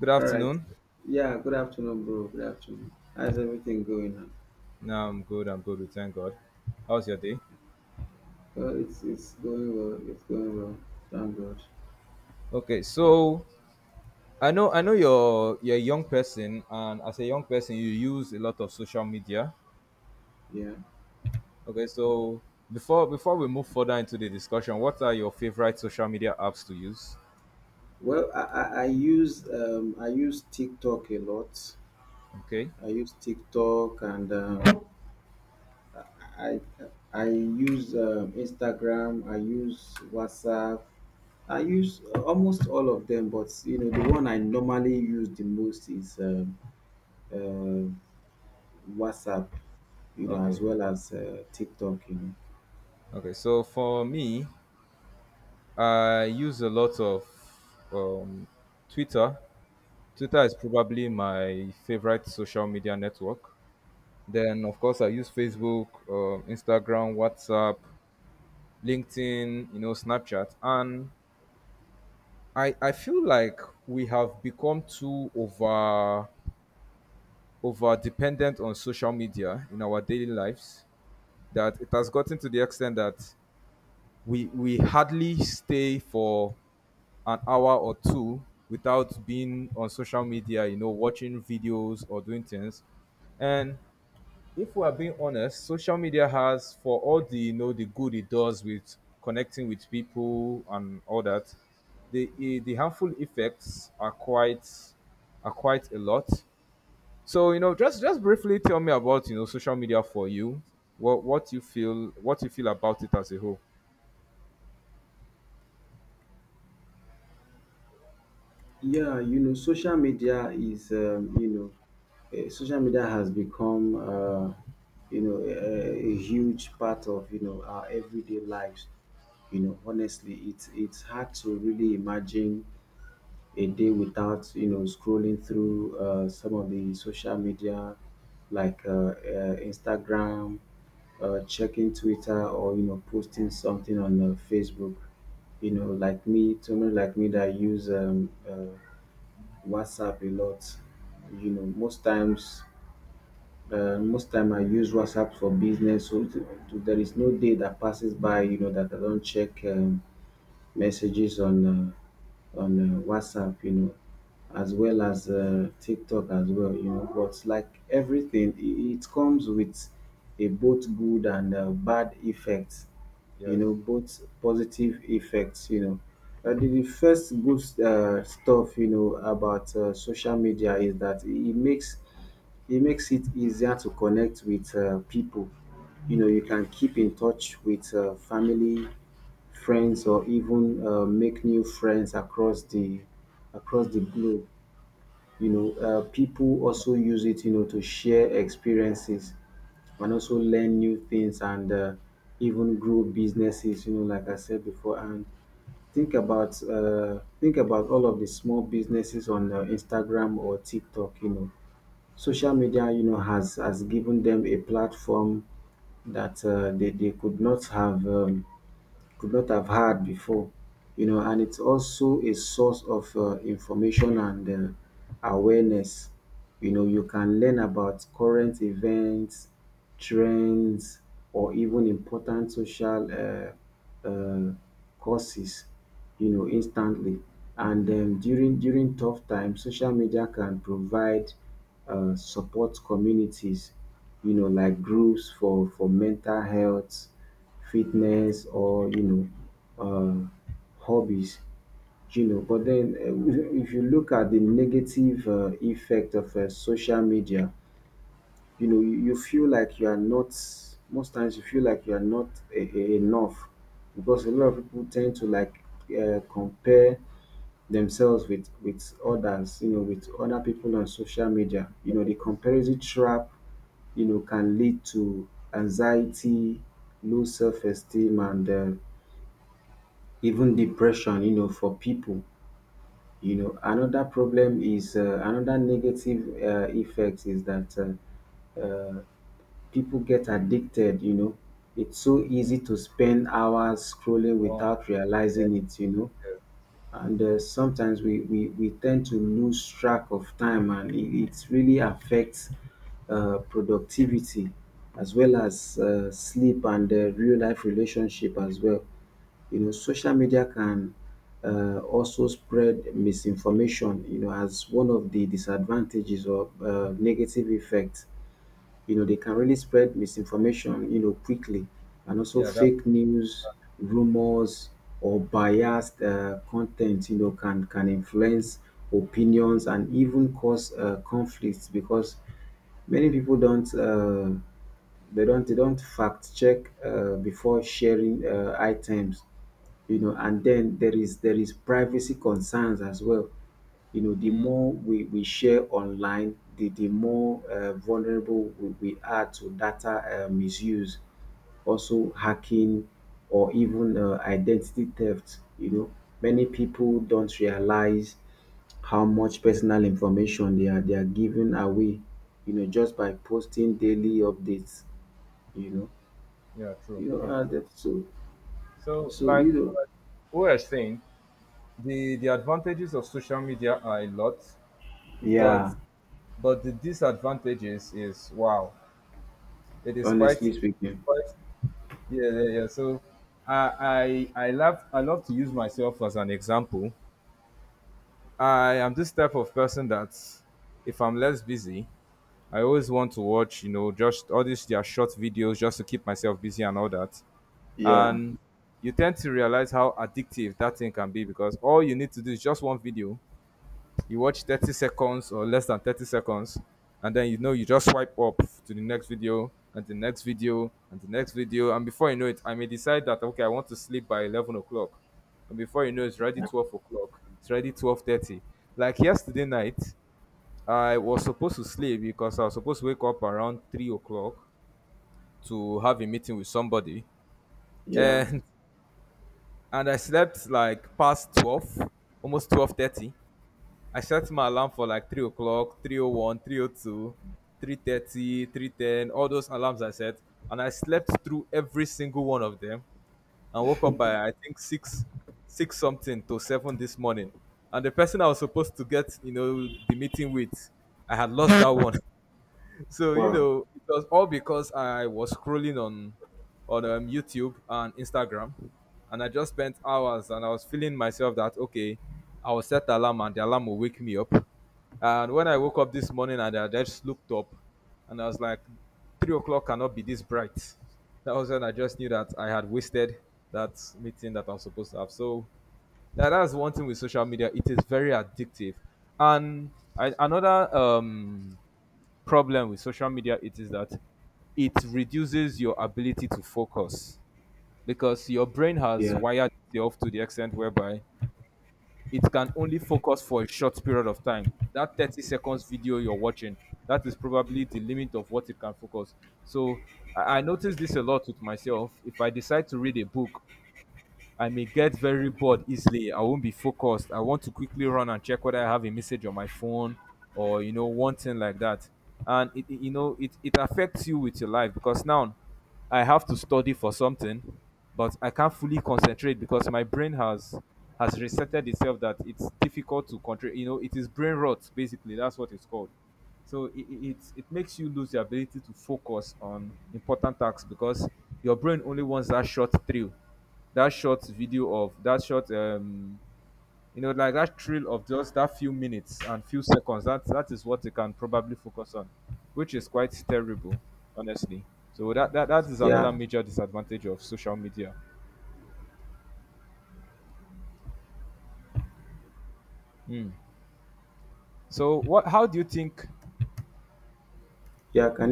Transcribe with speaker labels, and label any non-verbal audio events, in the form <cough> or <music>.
Speaker 1: Good
Speaker 2: All right.
Speaker 1: afternoon.
Speaker 2: Yeah, good afternoon, bro. Good afternoon. How's everything going now?
Speaker 1: No, I'm good. I'm good. We thank God. How's your day?
Speaker 2: Well, it's going well. It's going well. Thank God.
Speaker 1: Okay, so I know you're a young person, and as a young person, you use a lot of social media.
Speaker 2: Yeah.
Speaker 1: Okay, so before we move further into the discussion, what are your favorite social media apps to use?
Speaker 2: Well, I use I use TikTok a lot.
Speaker 1: Okay,
Speaker 2: I use TikTok and I I use Instagram. I use WhatsApp. I use almost all of them, but you know the one I normally use the most is uh, WhatsApp. You know, as
Speaker 1: okay,
Speaker 2: well as TikTok.
Speaker 1: okay. So for me, I use a lot of um, Twitter. Twitter is probably my favorite social media network. Then, of course, I use Facebook, Instagram, WhatsApp, LinkedIn, you know, Snapchat, and I feel like we have become too over dependent on social media in our daily lives, that it has gotten to the extent that we hardly stay for an hour or two without being on social media, watching videos or doing things. And if we are being honest, social media has, for all the you know the good it does with connecting with people and all that, the harmful effects are quite a lot. So you know, just briefly tell me about social media for you. What you feel about it as a whole?
Speaker 2: Yeah, you know, social media is, you know, social media has become, you know, a huge part of, you know, our everyday lives. You know, honestly, it's hard to really imagine a day without, you know, scrolling through some of the social media, like Instagram, checking Twitter, or you know, posting something on Facebook. You know, like me, someone like me that use WhatsApp a lot. You know, most times, most time I use WhatsApp for business. There is no day that passes by, you know, that I don't check messages on WhatsApp. You know, as well as TikTok as well. You know, but like everything, it comes with a both good and bad effect, you
Speaker 1: Yes.
Speaker 2: know, both positive effects, you know. The first good stuff, you know, about social media is that it makes it easier to connect with people. You know, you can keep in touch with family, friends, or even make new friends across the globe. You know, people also use it, you know, to share experiences and also learn new things, and even grow businesses, you know, like I said before. And think about all of the small businesses on Instagram or TikTok. You know, social media, you know, has given them a platform that they could not have had before, you know. And it's also a source of information and awareness. You know, you can learn about current events, trends, or even important social uh, uh, causes, you know, instantly. And during tough times, social media can provide support communities, you know, like groups for mental health, fitness, or you know, hobbies, you know. But then, if you look at the negative effect of social media, you know, you feel like you are not, most times you feel like you are not enough, because a lot of people tend to like compare themselves with others, you know, with other people on social media. You know, the comparison trap, you know, can lead to anxiety, low self-esteem, and even depression, you know, for people. You know, another problem is another negative effect is that uh, uh, people get addicted, you know. It's so easy to spend hours scrolling
Speaker 1: Oh,
Speaker 2: without realizing it, you know. And sometimes we tend to lose track of time, and it really affects productivity, as well as sleep and real life relationship as well. You know, social media can also spread misinformation, you know, as one of the disadvantages or negative effects. You know, they can really spread misinformation, you know, quickly, and also
Speaker 1: yeah. That.
Speaker 2: fake news, rumors, or biased content, you know, can influence opinions and even cause conflicts, because many people don't. They don't fact check before sharing items, you know. And then there is privacy concerns as well, you know. The more we share online, the more vulnerable we are to data misuse, also hacking, or even identity theft, you know. Many people don't realize how much personal information they are giving away, you know, just by posting daily updates, you know.
Speaker 1: Yeah. True.
Speaker 2: You know,
Speaker 1: True. True.
Speaker 2: that so
Speaker 1: So
Speaker 2: so you know.
Speaker 1: we were saying, the advantages of social media are a lot, but
Speaker 2: Yeah.
Speaker 1: the disadvantages, is wow, it is quite,
Speaker 2: Honestly speaking,
Speaker 1: quite, yeah, yeah, yeah. So I love to use myself as an example. I am this type of person that if I'm less busy, I always want to watch, you know, just all these their short videos just to keep myself busy and all that.
Speaker 2: yeah,
Speaker 1: And you tend to realize how addictive that thing can be, because all you need to do is just one video. You watch 30 seconds or less than 30 seconds, and then you know you just swipe up to the next video and the next video and the next video. And before you know it, I may decide that okay, I want to sleep by 11 o'clock. And before you know, it's already 12 o'clock. It's already 12:30. Like yesterday night, I was supposed to sleep because I was supposed to wake up around 3 o'clock to have a meeting with somebody.
Speaker 2: yeah,
Speaker 1: And <laughs> and I slept like past 12, almost 12:30. I set my alarm for like 3 o'clock, three o one, three o two, 3:30, 3:10. All those alarms I set. And I slept through every single one of them and woke up by I think six something to seven this morning. And the person I was supposed to get, you know, the meeting with, I had lost that one. <laughs> So you
Speaker 2: wow,
Speaker 1: know, it was all because I was scrolling on YouTube and Instagram, and I just spent hours, and I was feeling myself that okay, I will set the alarm, and the alarm will wake me up. And when I woke up this morning, and I just looked up, and I was like, 3 o'clock cannot be this bright. That was when I just knew that I had wasted that meeting that I'm supposed to have. So that's one thing with social media; it is very addictive. And another problem with social media it is that it reduces your ability to focus, because your brain has
Speaker 2: yeah,
Speaker 1: wired itself to the extent whereby it can only focus for a short period of time. That 30 seconds video you're watching, that is probably the limit of what it can focus. So I notice this a lot with myself. If I decide to read a book, I may get very bored easily. I won't be focused. I want to quickly run and check whether I have a message on my phone or you know one thing like that. And you know it affects you with your life, because now I have to study for something, but I can't fully concentrate because my brain has resetted itself that it's difficult to control. You know, it is brain rot basically. That's what it's called. So it makes you lose the ability to focus on important tasks, because your brain only wants that short thrill, that short video, of that short you know, like that thrill of just that few minutes and few seconds, that is what they can probably focus on, which is quite terrible, honestly. So that is another
Speaker 2: yeah,
Speaker 1: major disadvantage of social media. So what, how do you think,
Speaker 2: yeah. Can